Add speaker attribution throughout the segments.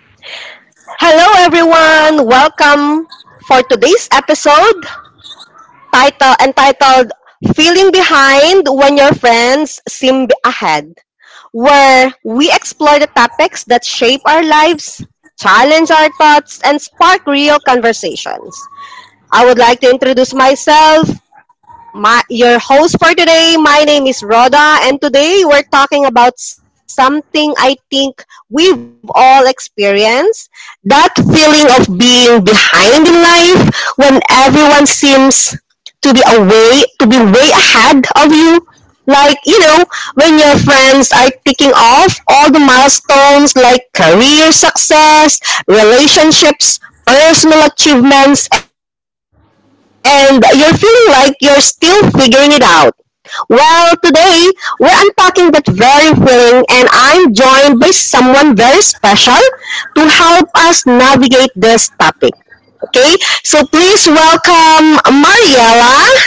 Speaker 1: Hello, everyone. Welcome for today's episode title entitled Feeling Behind When Your Friends Seem Ahead, where we explore the topics that shape our lives, challenge our thoughts, and spark real conversations. I would like to introduce myself my your host for today. My name is Rhoda, and today we're talking about something I think we've all experienced that feeling of being behind in life when everyone seems to be way ahead of you. Like, when your friends are ticking off all the milestones like career success, relationships, personal achievements, and you're feeling like you're still figuring it out. Well, today we're unpacking that very feeling, and I'm joined by someone very special to help us navigate this topic. Okay, so please welcome Mariela.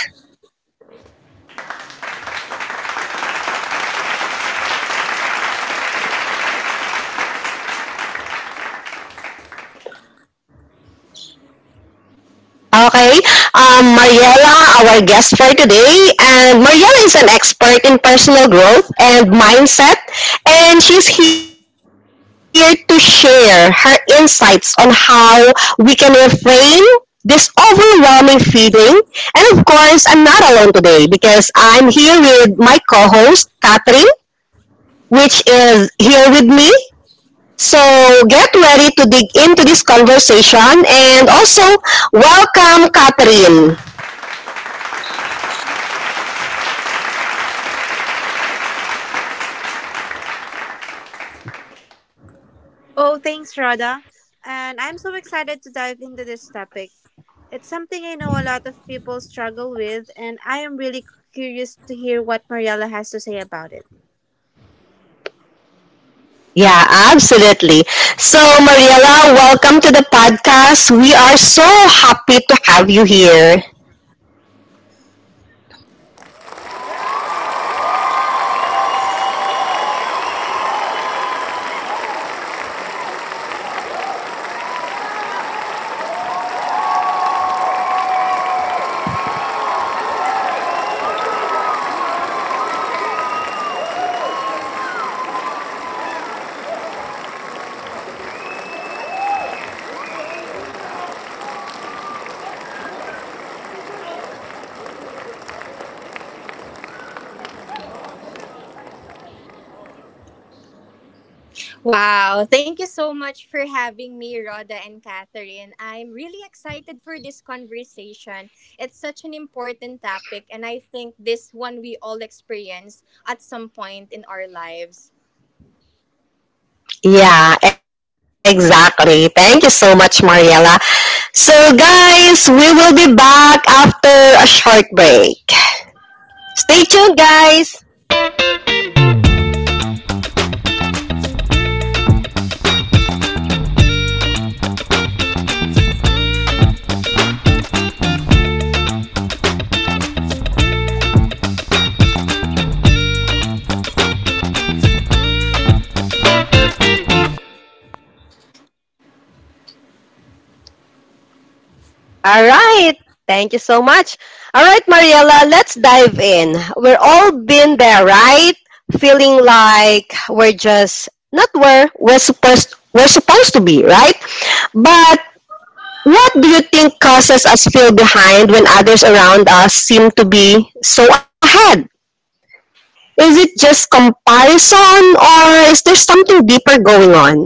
Speaker 1: Okay. Mariela, our guest for today, and Mariela is an expert in personal growth and mindset, and she's here to share her insights on how we can reframe this overwhelming feeling. And of course, I'm not alone today because I'm here with my co-host, Catherine, which is here with me. So get ready to dig into this conversation and also welcome Catherine.
Speaker 2: Oh, thanks, Rada. And I'm so excited to dive into this topic. It's something I know a lot of people struggle with, and I am really curious to hear what Mariella has to say about it.
Speaker 1: Yeah, absolutely. So, Mariela, welcome to the podcast. We are so happy to have you here.
Speaker 3: Wow, thank you so much for having me, Rhoda and Catherine. I'm really excited for this conversation. It's such an important topic, and I think this one we all experience at some point in our lives.
Speaker 1: Yeah, exactly. Thank you so much, Mariela. So, guys, we will be back after a short break. Stay tuned, guys. All right. Thank you so much. All right, Mariella, let's dive in. We're all been there, right? Feeling like we're just not where we're supposed to be, right? But what do you think causes us feel behind when others around us seem to be so ahead? Is it just comparison or is there something deeper going on?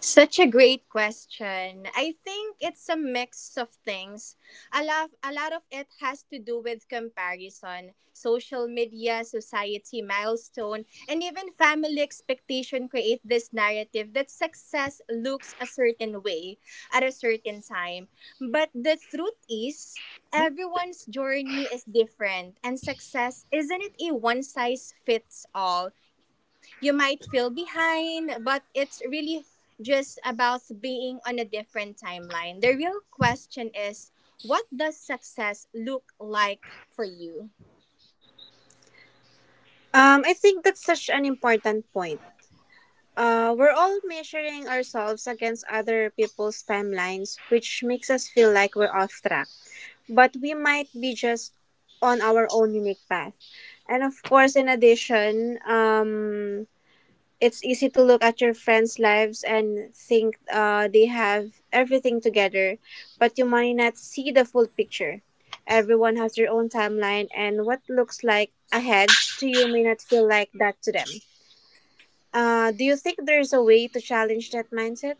Speaker 3: Such a great question. I think it's a mix of things. A lot of it has to do with comparison, social
Speaker 1: Mhm.
Speaker 3: media, society milestone, and even family expectation create this narrative that success looks a certain way at a certain time. But the truth is, everyone's journey is different, and success isn't it a one size fits all you might feel behind, but it's really just about being on a different timeline. The real question is, what does success look like for you?
Speaker 2: I think that's such an important point. We're all measuring ourselves against other people's timelines, which makes us feel like we're off track. But we might be just on our own unique path. And of course, in addition, it's easy to look at your friends' lives and think they have everything together, but you might not see the full picture. Everyone has their own timeline, and what looks like ahead to you may not feel like that to them. Do you think there's a way to challenge that mindset?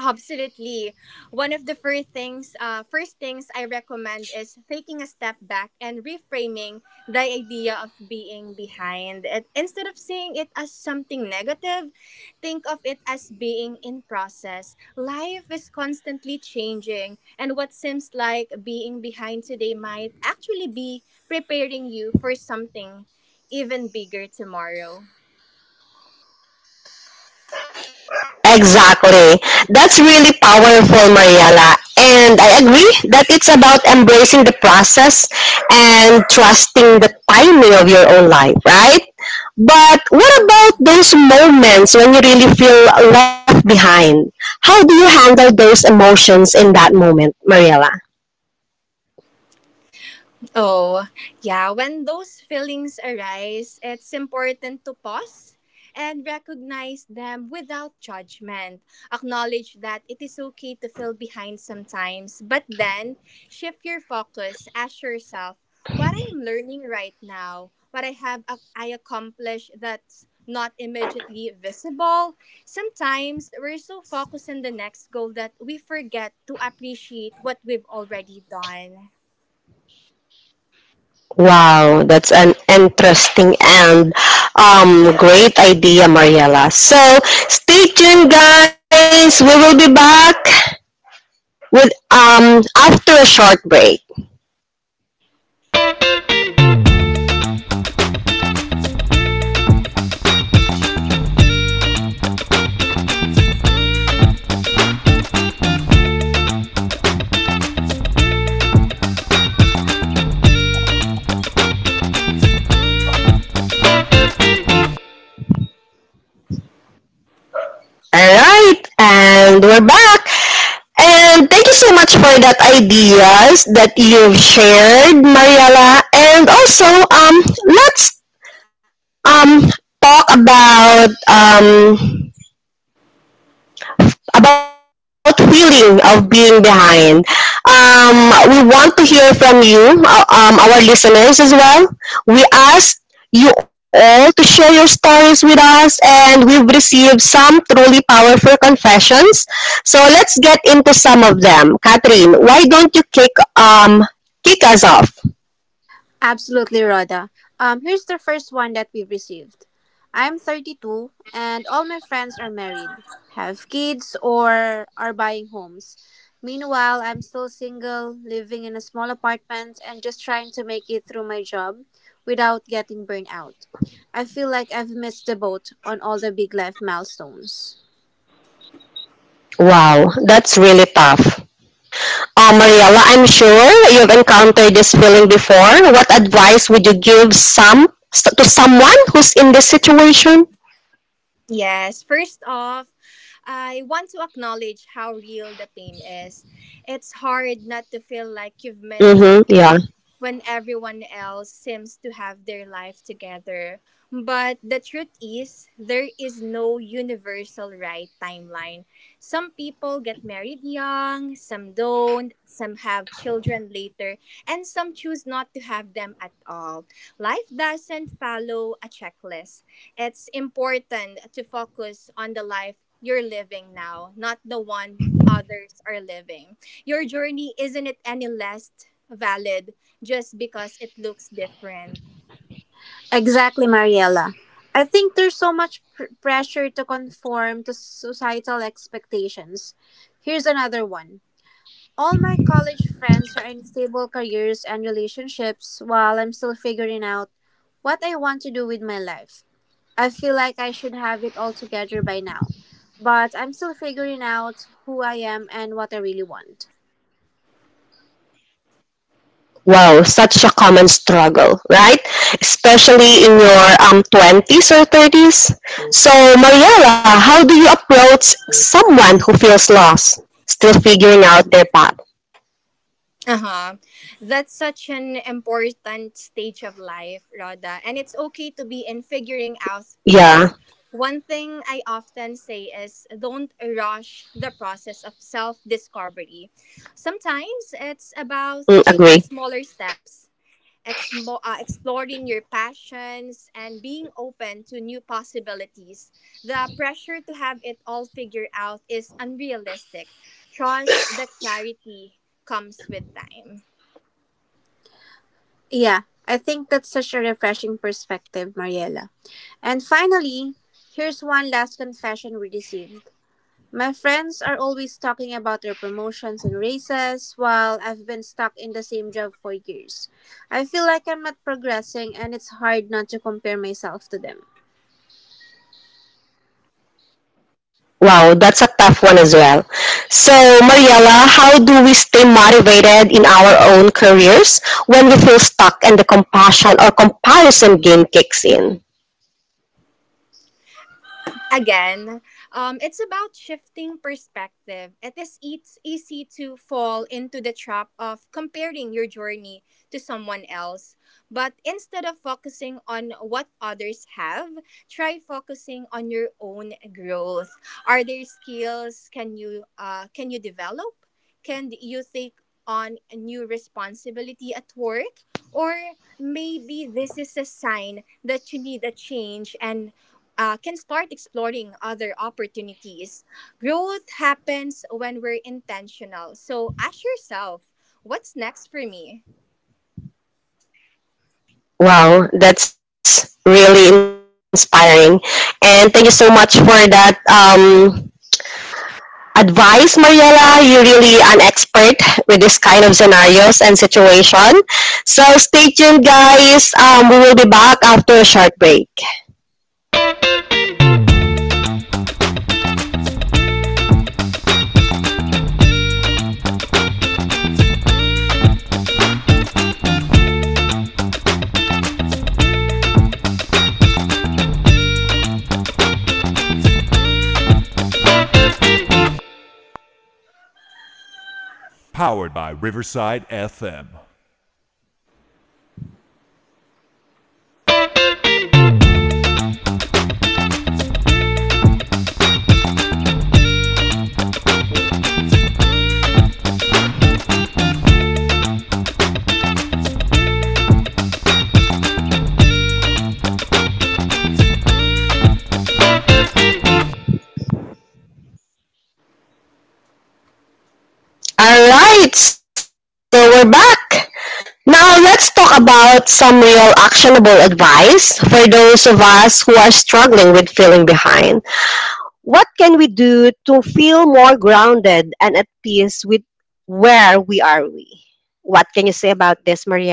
Speaker 3: Absolutely. One of the first things I recommend is taking a step back and reframing the idea of being behind. It, instead of seeing it as something negative, think of it as being in process. Life is constantly changing, and what seems like being behind today might actually be preparing you for something even bigger tomorrow.
Speaker 1: Exactly. That's really powerful, Mariella. And I agree that it's about embracing the process and trusting the timing of your own life, right? But what about those moments when you really feel left behind? How do you handle those emotions in that moment, Mariella?
Speaker 3: Oh, yeah. When those feelings arise, it's important to pause and recognize them without judgment. Acknowledge that it is okay to feel behind sometimes, but then shift your focus. Ask yourself, what I am learning right now, what I have ac- I accomplished that's not immediately visible. Sometimes we're so focused on the next goal that we forget to appreciate what we've already done.
Speaker 1: Wow, that's an interesting and great idea, Mariella. So stay tuned, guys. We will be back with after a short break. All right, and we're back. And thank you so much for that ideas that you've shared, Mariela. And also, let's um talk about feeling of being behind. We want to hear from you, our listeners as well. We asked you all to share your stories with us, and we've received some truly powerful confessions. So let's get into some of them. Catherine, why don't you um kick us off?
Speaker 2: Absolutely, Rhoda. Here's the first one that we have received. I'm 32 and all my friends are married, have kids, or are buying homes. Meanwhile, I'm still single, living in a small apartment, and just trying to make it through my job without getting burned out. I feel like I've missed the boat on all the big life milestones.
Speaker 1: Wow, that's really tough. Mariella, I'm sure you've encountered this feeling before. What advice would you give some to someone who's in this situation?
Speaker 3: Yes, first off, I want to acknowledge how real the pain is. It's hard not to feel like you've
Speaker 1: Mm-hmm,
Speaker 3: missed
Speaker 1: yeah.
Speaker 3: something when everyone else seems to have their life together. But the truth is, there is no universal right timeline. Some people get married young, some don't, some have children later, and some choose not to have them at all. Life doesn't follow a checklist. It's important to focus on the life you're living now, not the one others are living. Your journey isn't it any less valid just because it looks different.
Speaker 2: Exactly, Mariella. I think there's so much pressure to conform to societal expectations. Here's another one. All my college friends are in stable careers and relationships while I'm still figuring out what I want to do with my life. I feel like I should have it all together by now, but I'm still figuring out who I am and what I really want.
Speaker 1: Wow, such a common struggle, right? Especially in your 20s or 30s. So, Mariella, how do you approach someone who feels lost, still figuring out their path?
Speaker 3: Uh-huh. That's such an important stage of life, Rhoda. And it's okay to be in figuring out space.
Speaker 1: Yeah,
Speaker 3: One thing I often say is, don't rush the process of self discovery. Sometimes it's about taking
Speaker 1: mm,
Speaker 3: smaller
Speaker 1: agree.
Speaker 3: steps exploring your passions, and being open to new possibilities. The pressure to have it all figured out is unrealistic. Trust that clarity comes with time.
Speaker 2: Yeah, I think that's such a refreshing perspective, Mariela. And finally, here's one last confession we received. My friends are always talking about their promotions and raises while I've been stuck in the same job for years. I feel like I'm not progressing and it's hard not to compare myself to them.
Speaker 1: Wow, that's a tough one as well. So, Mariella, how do we stay motivated in our own careers when we feel stuck and the compassion or comparison game kicks in?
Speaker 3: Again, it's about shifting perspective. It's easy to fall into the trap of comparing your journey to someone else. But instead of focusing on what others have, try focusing on your own growth. Are there skills can you develop? Can you take on a new responsibility at work? Or maybe this is a sign that you need a change and can start exploring other opportunities. Growth happens when we're intentional. So ask yourself, what's next for me?
Speaker 1: Wow, that's really inspiring. And thank you so much for that advice, Mariella. You're really an expert with this kind of scenarios and situation. So stay tuned, guys. We will be back after a short break. All right, so we're back. Now let's talk about some real actionable advice for those of us who are struggling with feeling behind. What can we do to feel more grounded and at peace with where we are we? What can you say about this, Mariela?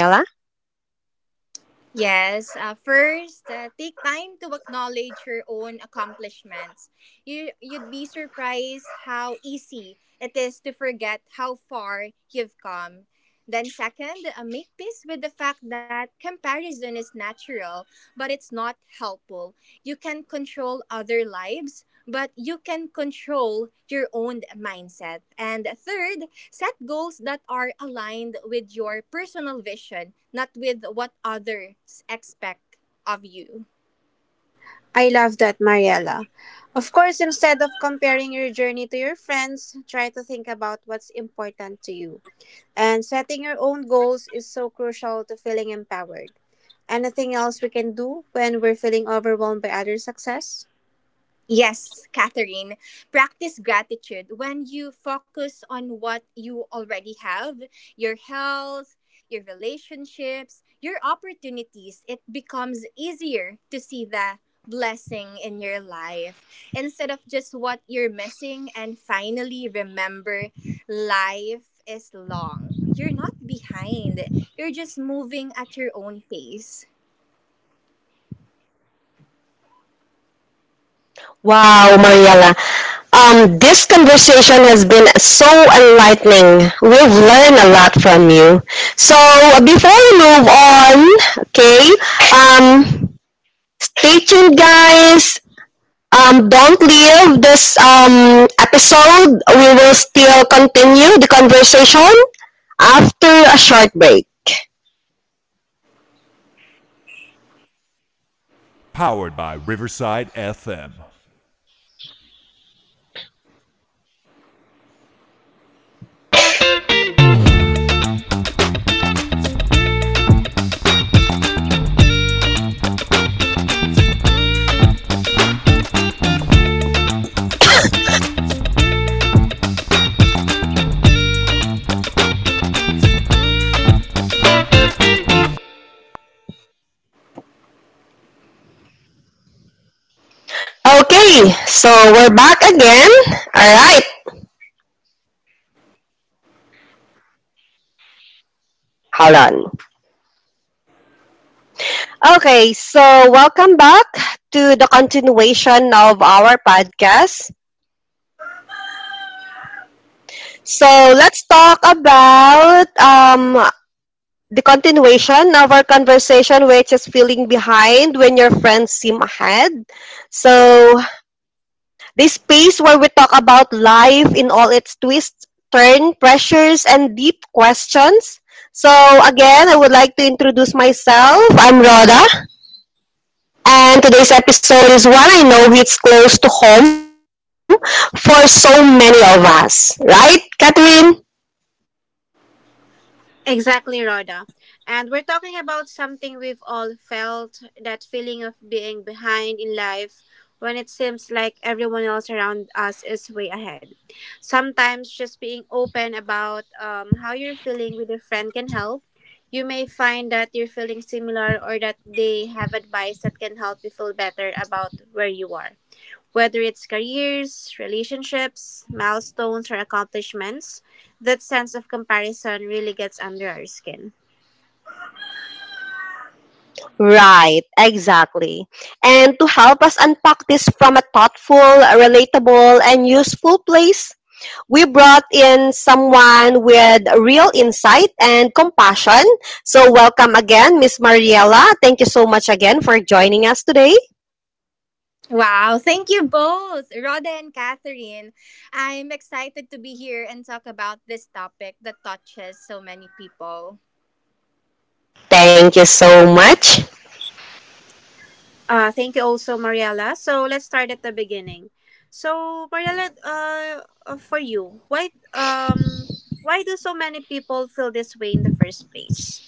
Speaker 3: Yes, first, take time to acknowledge your own accomplishments. You'd be surprised how easy it is to forget how far you've come. Then, second, make peace with the fact that comparison is natural, but it's not helpful. You can control other lives, but you can control your own mindset. And third, set goals that are aligned with your personal vision, not with what others expect of you.
Speaker 2: I love that, Mariela. Of course, instead of comparing your journey to your friends, try to think about what's important to you. And setting your own goals is so crucial to feeling empowered. Anything else we can do when we're feeling overwhelmed by other success?
Speaker 3: Yes, Catherine, practice gratitude when you focus on what you already have, your health, your relationships, your opportunities. It becomes easier to see the blessing in your life instead of just what you're missing. And finally, remember, life is long. You're not behind, you're just moving at your own pace.
Speaker 1: Wow, Mariela. This conversation has been so enlightening. We've learned a lot from you. So before we move on, okay, um, stay tuned, guys. Don't leave this episode. We will still continue the conversation after a short break. Okay, so we're back again. All right, hold on. Okay, so welcome back to the continuation of our podcast. So let's talk about the continuation of our conversation, which is feeling behind when your friends seem ahead. So this space where we talk about life in all its twists, turn, pressures, and deep questions. So again, I would like to introduce myself. I'm Rhoda, and today's episode is one I know hits close to home for so many of us, right, Catherine?
Speaker 2: Exactly, Rhoda. And we're talking about something we've all felt, that feeling of being behind in life when it seems like everyone else around us is way ahead. Sometimes just being open about how you're feeling with a friend can help. You may find that you're feeling similar or that they have advice that can help you feel better about where you are. Whether it's careers, relationships, milestones, or accomplishments, that sense of comparison really gets under our skin.
Speaker 1: Right, exactly. And to help us unpack this from a thoughtful, relatable, and useful place, we brought in someone with real insight and compassion. So, welcome again, Miss Mariela. Thank you so much again for joining us today.
Speaker 3: Wow, thank you both, Rhoda and Catherine. I'm excited to be here and talk about this topic that touches so many people.
Speaker 1: Thank you so much.
Speaker 2: Thank you also, Mariella. So let's start at the beginning. So Mariella, for you, why do so many people feel this way in the first place?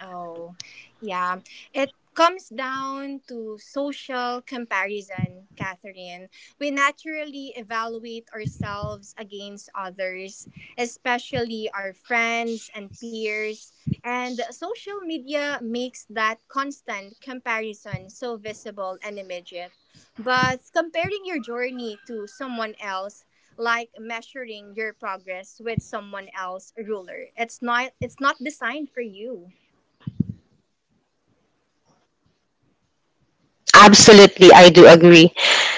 Speaker 3: Oh, yeah. It comes down to social comparison, Catherine. We naturally evaluate ourselves against others, especially our friends and peers. And social media makes that constant comparison so visible and immediate. But comparing your journey to someone else, like measuring your progress with someone else's ruler, it's not designed for you.
Speaker 1: Absolutely, I do agree.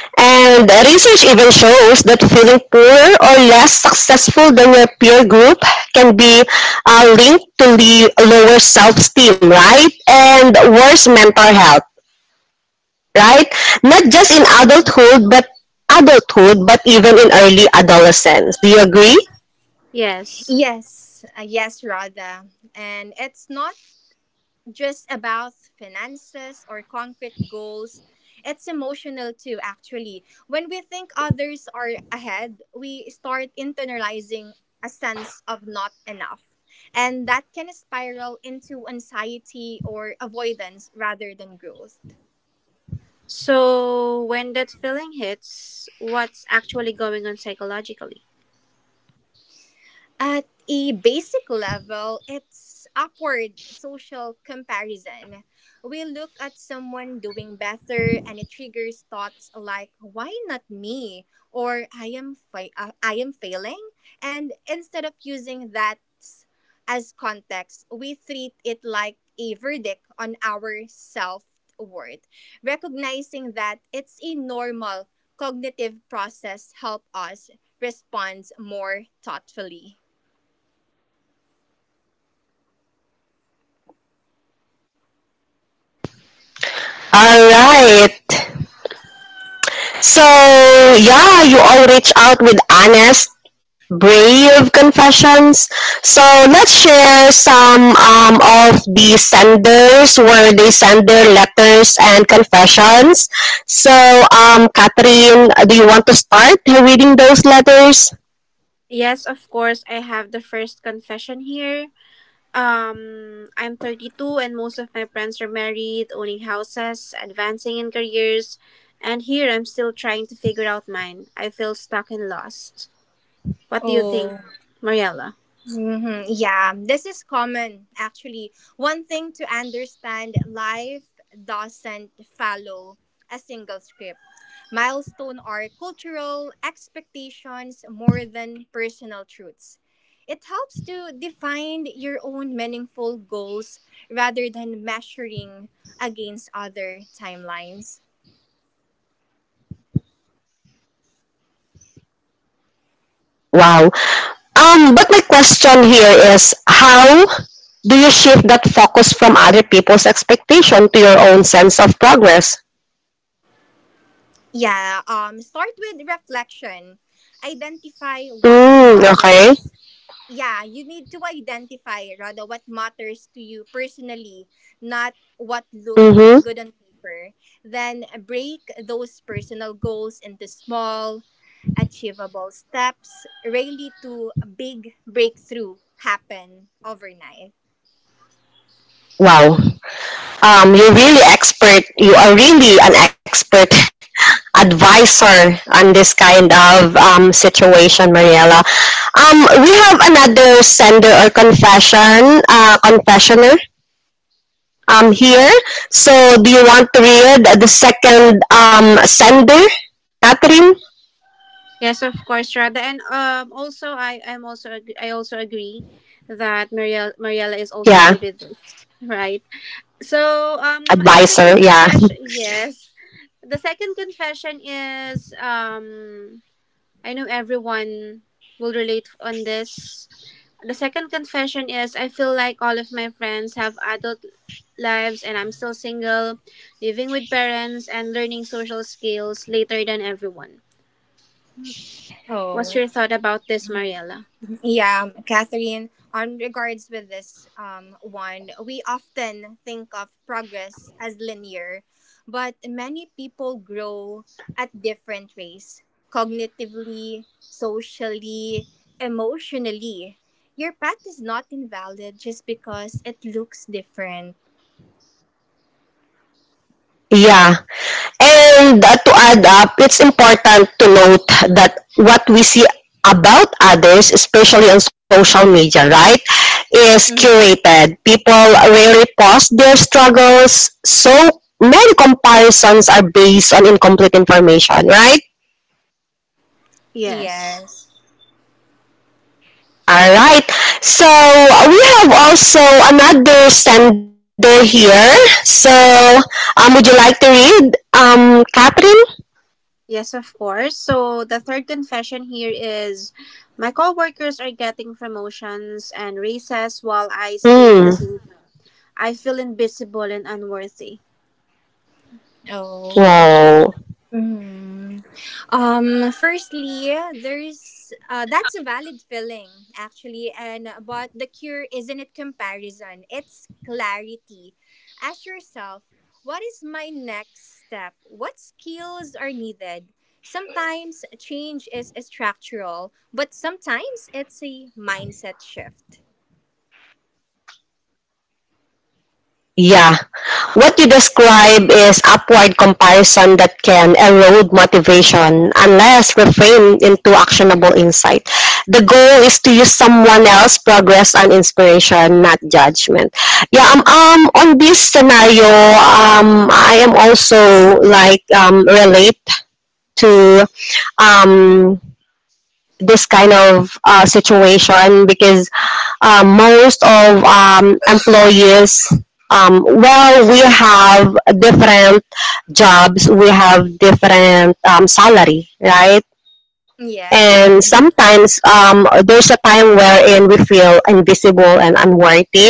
Speaker 1: And research even shows that feeling poorer or less successful than your peer group can be linked to the lower self-esteem, right? And worse mental health. Right? Not just in
Speaker 3: Mm-hmm.
Speaker 1: adulthood, but even in early adolescence. Do you agree?
Speaker 2: Yes.
Speaker 3: Yes, Radha. And it's not just about finances or concrete goals, it's emotional too, actually. When we think others are ahead, we start internalizing a sense of not enough. And that can spiral into anxiety or avoidance rather than growth.
Speaker 2: So when that feeling hits, what's actually going on psychologically?
Speaker 3: At a basic level, it's upward social comparison. We look at someone doing better and it triggers thoughts like, why not me, or I am failing, and instead of using that as context, we treat it like a verdict on our self-worth. Recognizing that it's a normal cognitive process help us respond more thoughtfully.
Speaker 1: All right. So, yeah, you all reach out with honest, brave confessions. So, let's share some of the senders where they send their letters and confessions. So, Catherine, do you want to start reading those letters?
Speaker 2: Yes, of course, I have the first confession here. I'm 32 and most of my friends are married, owning houses, advancing in careers, and here I'm still trying to figure out mine. I feel stuck and lost. What do you think,
Speaker 3: Oh,
Speaker 2: Mariella?
Speaker 3: yeah, this is common actually. One thing to understand, life doesn't follow a single script. Milestone are cultural expectations more than personal truths. It helps to define your own meaningful goals rather than measuring against other timelines.
Speaker 1: Wow. But my question here is how do you shift that focus from other people's expectation to your own sense of progress?
Speaker 3: Yeah, start with reflection. Identify what
Speaker 1: Mm, okay.
Speaker 3: matters, yeah, you need to identify rather what matters to you personally, not what look
Speaker 1: Mm-hmm.
Speaker 3: good on paper. Then break those personal goals into small, achievable steps, really to a big breakthrough happen overnight.
Speaker 1: Wow. You're really expert. You are really an expert advisor on this kind of situation, Mariela. We have another sender or confessioner here. So, do you want to read the second sender, Catherine?
Speaker 2: Yes, of course, Rada, and also I also agree that Mariella is also
Speaker 1: Yeah,
Speaker 2: good at this, right? So the second
Speaker 1: advisor. Yeah,
Speaker 2: confession, yes. The second confession is I know everyone will relate on this. The second confession is, I feel like all of my friends have adult lives and I'm still single, living with parents and learning social skills later than everyone. What's
Speaker 3: Oh.
Speaker 2: your thought about this, Mariella?
Speaker 3: Yeah, Catherine, on regards with this one, we often think of progress as linear, but many people grow at different rates cognitively, socially, emotionally. Your path is not invalid just because it looks different.
Speaker 1: yeah. And to add up, it's important to note that what we see about others, especially on social media, right, is
Speaker 3: Mm-hmm.
Speaker 1: curated. People rarely post their struggles, so many comparisons are based on incomplete information, right?
Speaker 2: Yes.
Speaker 3: Yes.
Speaker 1: All right. So we have also another sender here. So would you like to read, Catherine?
Speaker 2: Yes, of course. So the third confession here is, my coworkers are getting promotions and raises while I stay in the
Speaker 1: Hmm.
Speaker 2: same. I feel invisible and unworthy.
Speaker 3: Oh.
Speaker 1: Wow.
Speaker 3: Mhm. Firstly, there's that's a valid feeling actually, and but the cure isn't it comparison, it's clarity. Ask yourself, what is my next step? What skills are needed? Sometimes change is structural, but sometimes it's a mindset shift.
Speaker 1: Yeah. What you describe is upward comparison that can erode motivation unless reframed into actionable insight. The goal is to use someone else's progress and inspiration, not judgment. Yeah,
Speaker 3: Mm-hmm.
Speaker 1: on this scenario, I am also like relate to um this kind of situation because most of employees well we have different jobs, we have different salary, right? And
Speaker 3: Yes. Mm-hmm.
Speaker 1: sometimes there's a time wherein we feel invisible and unworthy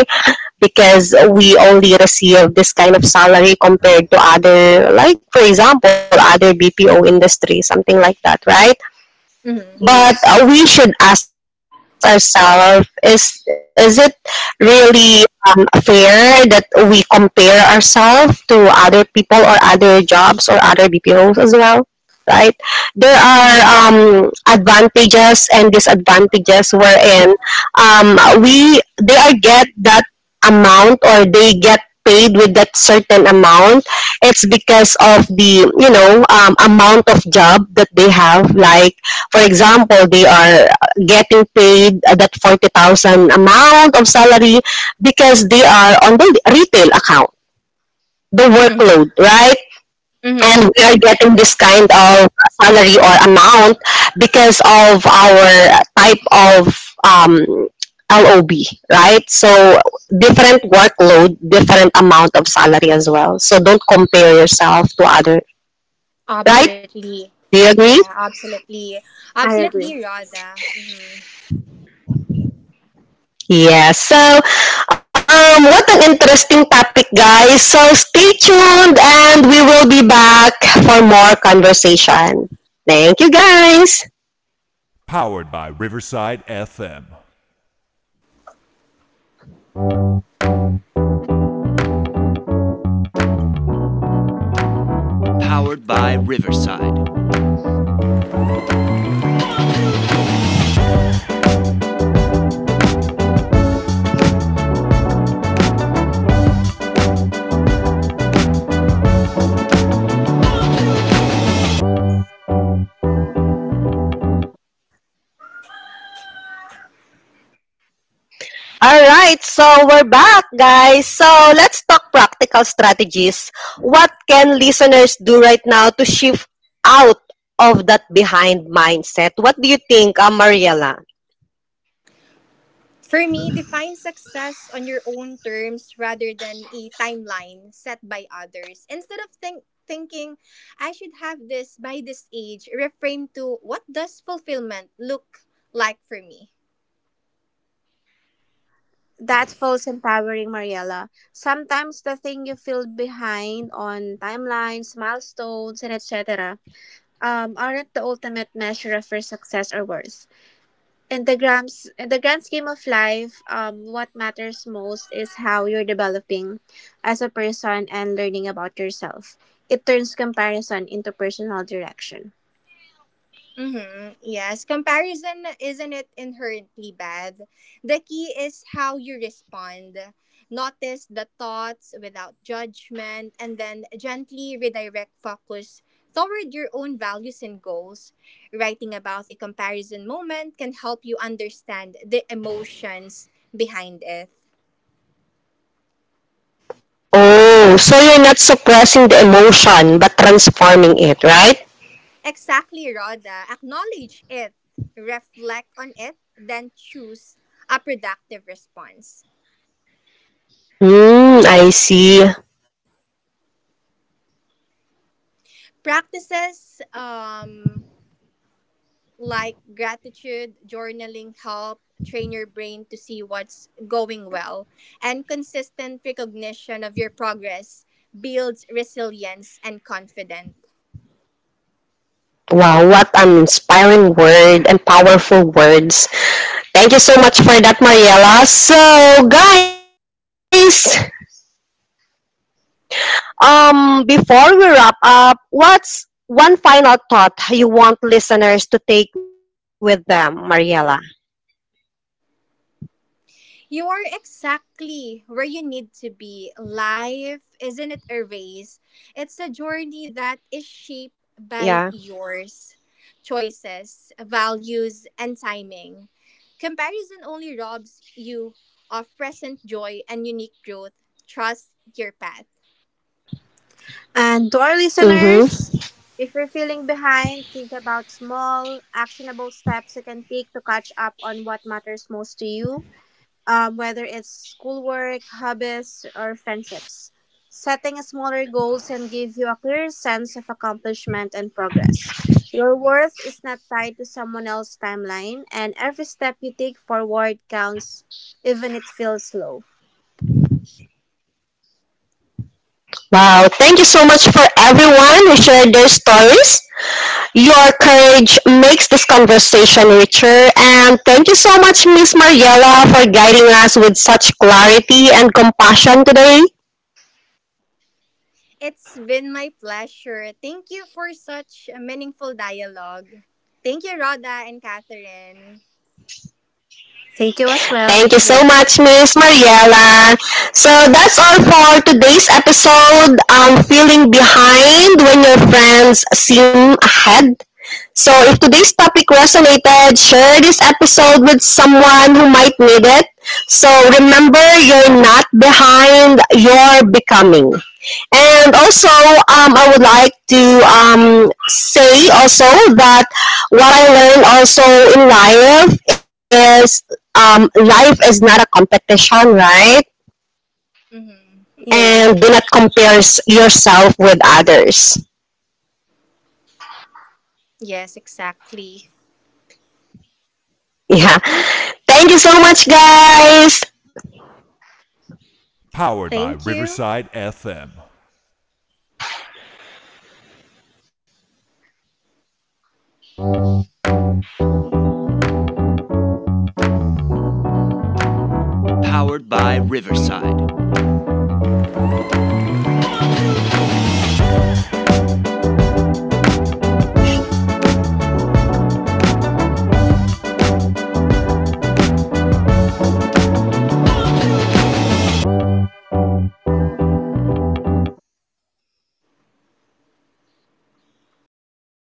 Speaker 1: because we only receive this kind of salary compared to other, like for example other bpo industry, something like that, right?
Speaker 3: Mm-hmm.
Speaker 2: Yes,
Speaker 1: But we should ask ourselves: is it really fair that we compare ourselves to other people or other jobs or other BPOs as well? Right? There are
Speaker 3: Mm-hmm.
Speaker 1: advantages and disadvantages wherein we they are get that amount or they get paid with that certain amount, it's because of the amount of job that they have, like for example, they are getting paid that 40,000 amount of salary because they are on the retail account, the workload, right?
Speaker 3: Mm-hmm.
Speaker 1: And we are getting this kind of salary or amount because of our type of um, LOB, right? So different workload, different amount of salary as well. So don't compare yourself to other, right?
Speaker 3: Absolutely.
Speaker 1: Do you
Speaker 3: Yeah,
Speaker 1: agree?
Speaker 3: absolutely.
Speaker 2: I agree.
Speaker 3: Absolutely, Rada. Hmm
Speaker 1: Yeah. So, what an interesting topic, guys. So, stay tuned and we will be back for more conversation. Thank you, guys. All right. So, we're back, guys. So, let's talk practical strategies. What can listeners do right now to shift out of that behind mindset? What do you think, Mariela?
Speaker 3: For me, define success on your own terms rather than a timeline set by others. Instead of thinking I should have this by this age, reframe to, what does fulfillment look like for me?
Speaker 2: That feels empowering, Mariella. Sometimes the thing you feel behind on, timelines, milestones, and et cetera, aren't the ultimate measure of your success or worth. in the grand in the grand scheme of life, what matters most is how you're developing as a person and learning about yourself. It turns comparison into personal direction.
Speaker 3: Mm-hmm. Yes, comparison isn't it inherently bad. The key is how you respond. Notice the thoughts without judgment and then gently redirect focus toward your own values and goals. Writing about a comparison moment can help you understand the emotions behind it.
Speaker 1: Oh, so you're not suppressing the emotion but transforming it, right?
Speaker 3: Exactly, Rhoda. Acknowledge it, reflect on it, then choose a productive response.
Speaker 1: Hmm, I see.
Speaker 3: Practices like gratitude, journaling help train your brain to see what's going well, and consistent recognition of your progress builds resilience and confidence.
Speaker 1: Wow, what an inspiring word and powerful words. Thank you so much for that, Mariella. So, guys, before we wrap up, what's one final thought you want listeners to take with them, Mariella?
Speaker 3: You are exactly where you need to be. Life isn't it a race, it's a journey that is shaped
Speaker 1: Yeah.
Speaker 3: by yours, choices, values, and timing. Comparison only robs you of present joy and unique growth. Trust your path.
Speaker 2: And to our
Speaker 1: Mm-hmm.
Speaker 2: listeners, if you're feeling behind, think about small, actionable steps you can take to catch up on what matters most to you, whether it's schoolwork, hobbies, or friendships. Setting smaller goals can give you a clear sense of accomplishment and progress. Your worth is not tied to someone else's timeline, and every step you take forward counts, even it feels slow.
Speaker 1: Wow. Thank you so much for everyone who shared their stories. Your courage makes this conversation richer. And thank you so much, Miss Mariella, for guiding us with such clarity and compassion today.
Speaker 3: It's been my pleasure. Thank you for such a meaningful dialogue. Thank you, Rhoda and Catherine.
Speaker 2: Thank you as well.
Speaker 1: Thank you so
Speaker 2: Really.
Speaker 1: much, Miss Mariela. So that's all for today's episode. Feeling behind when your friends seem ahead. So if today's topic resonated, share this episode with someone who might need it. So remember, you're not behind, you're becoming. And also, I would like to say also that what I learned also in is life is not a competition, right?
Speaker 3: Mhm.
Speaker 2: Yeah.
Speaker 1: And do not compare yourself with others.
Speaker 3: Yes, exactly.
Speaker 1: Yeah. Thank you so much, guys.
Speaker 3: Thank you.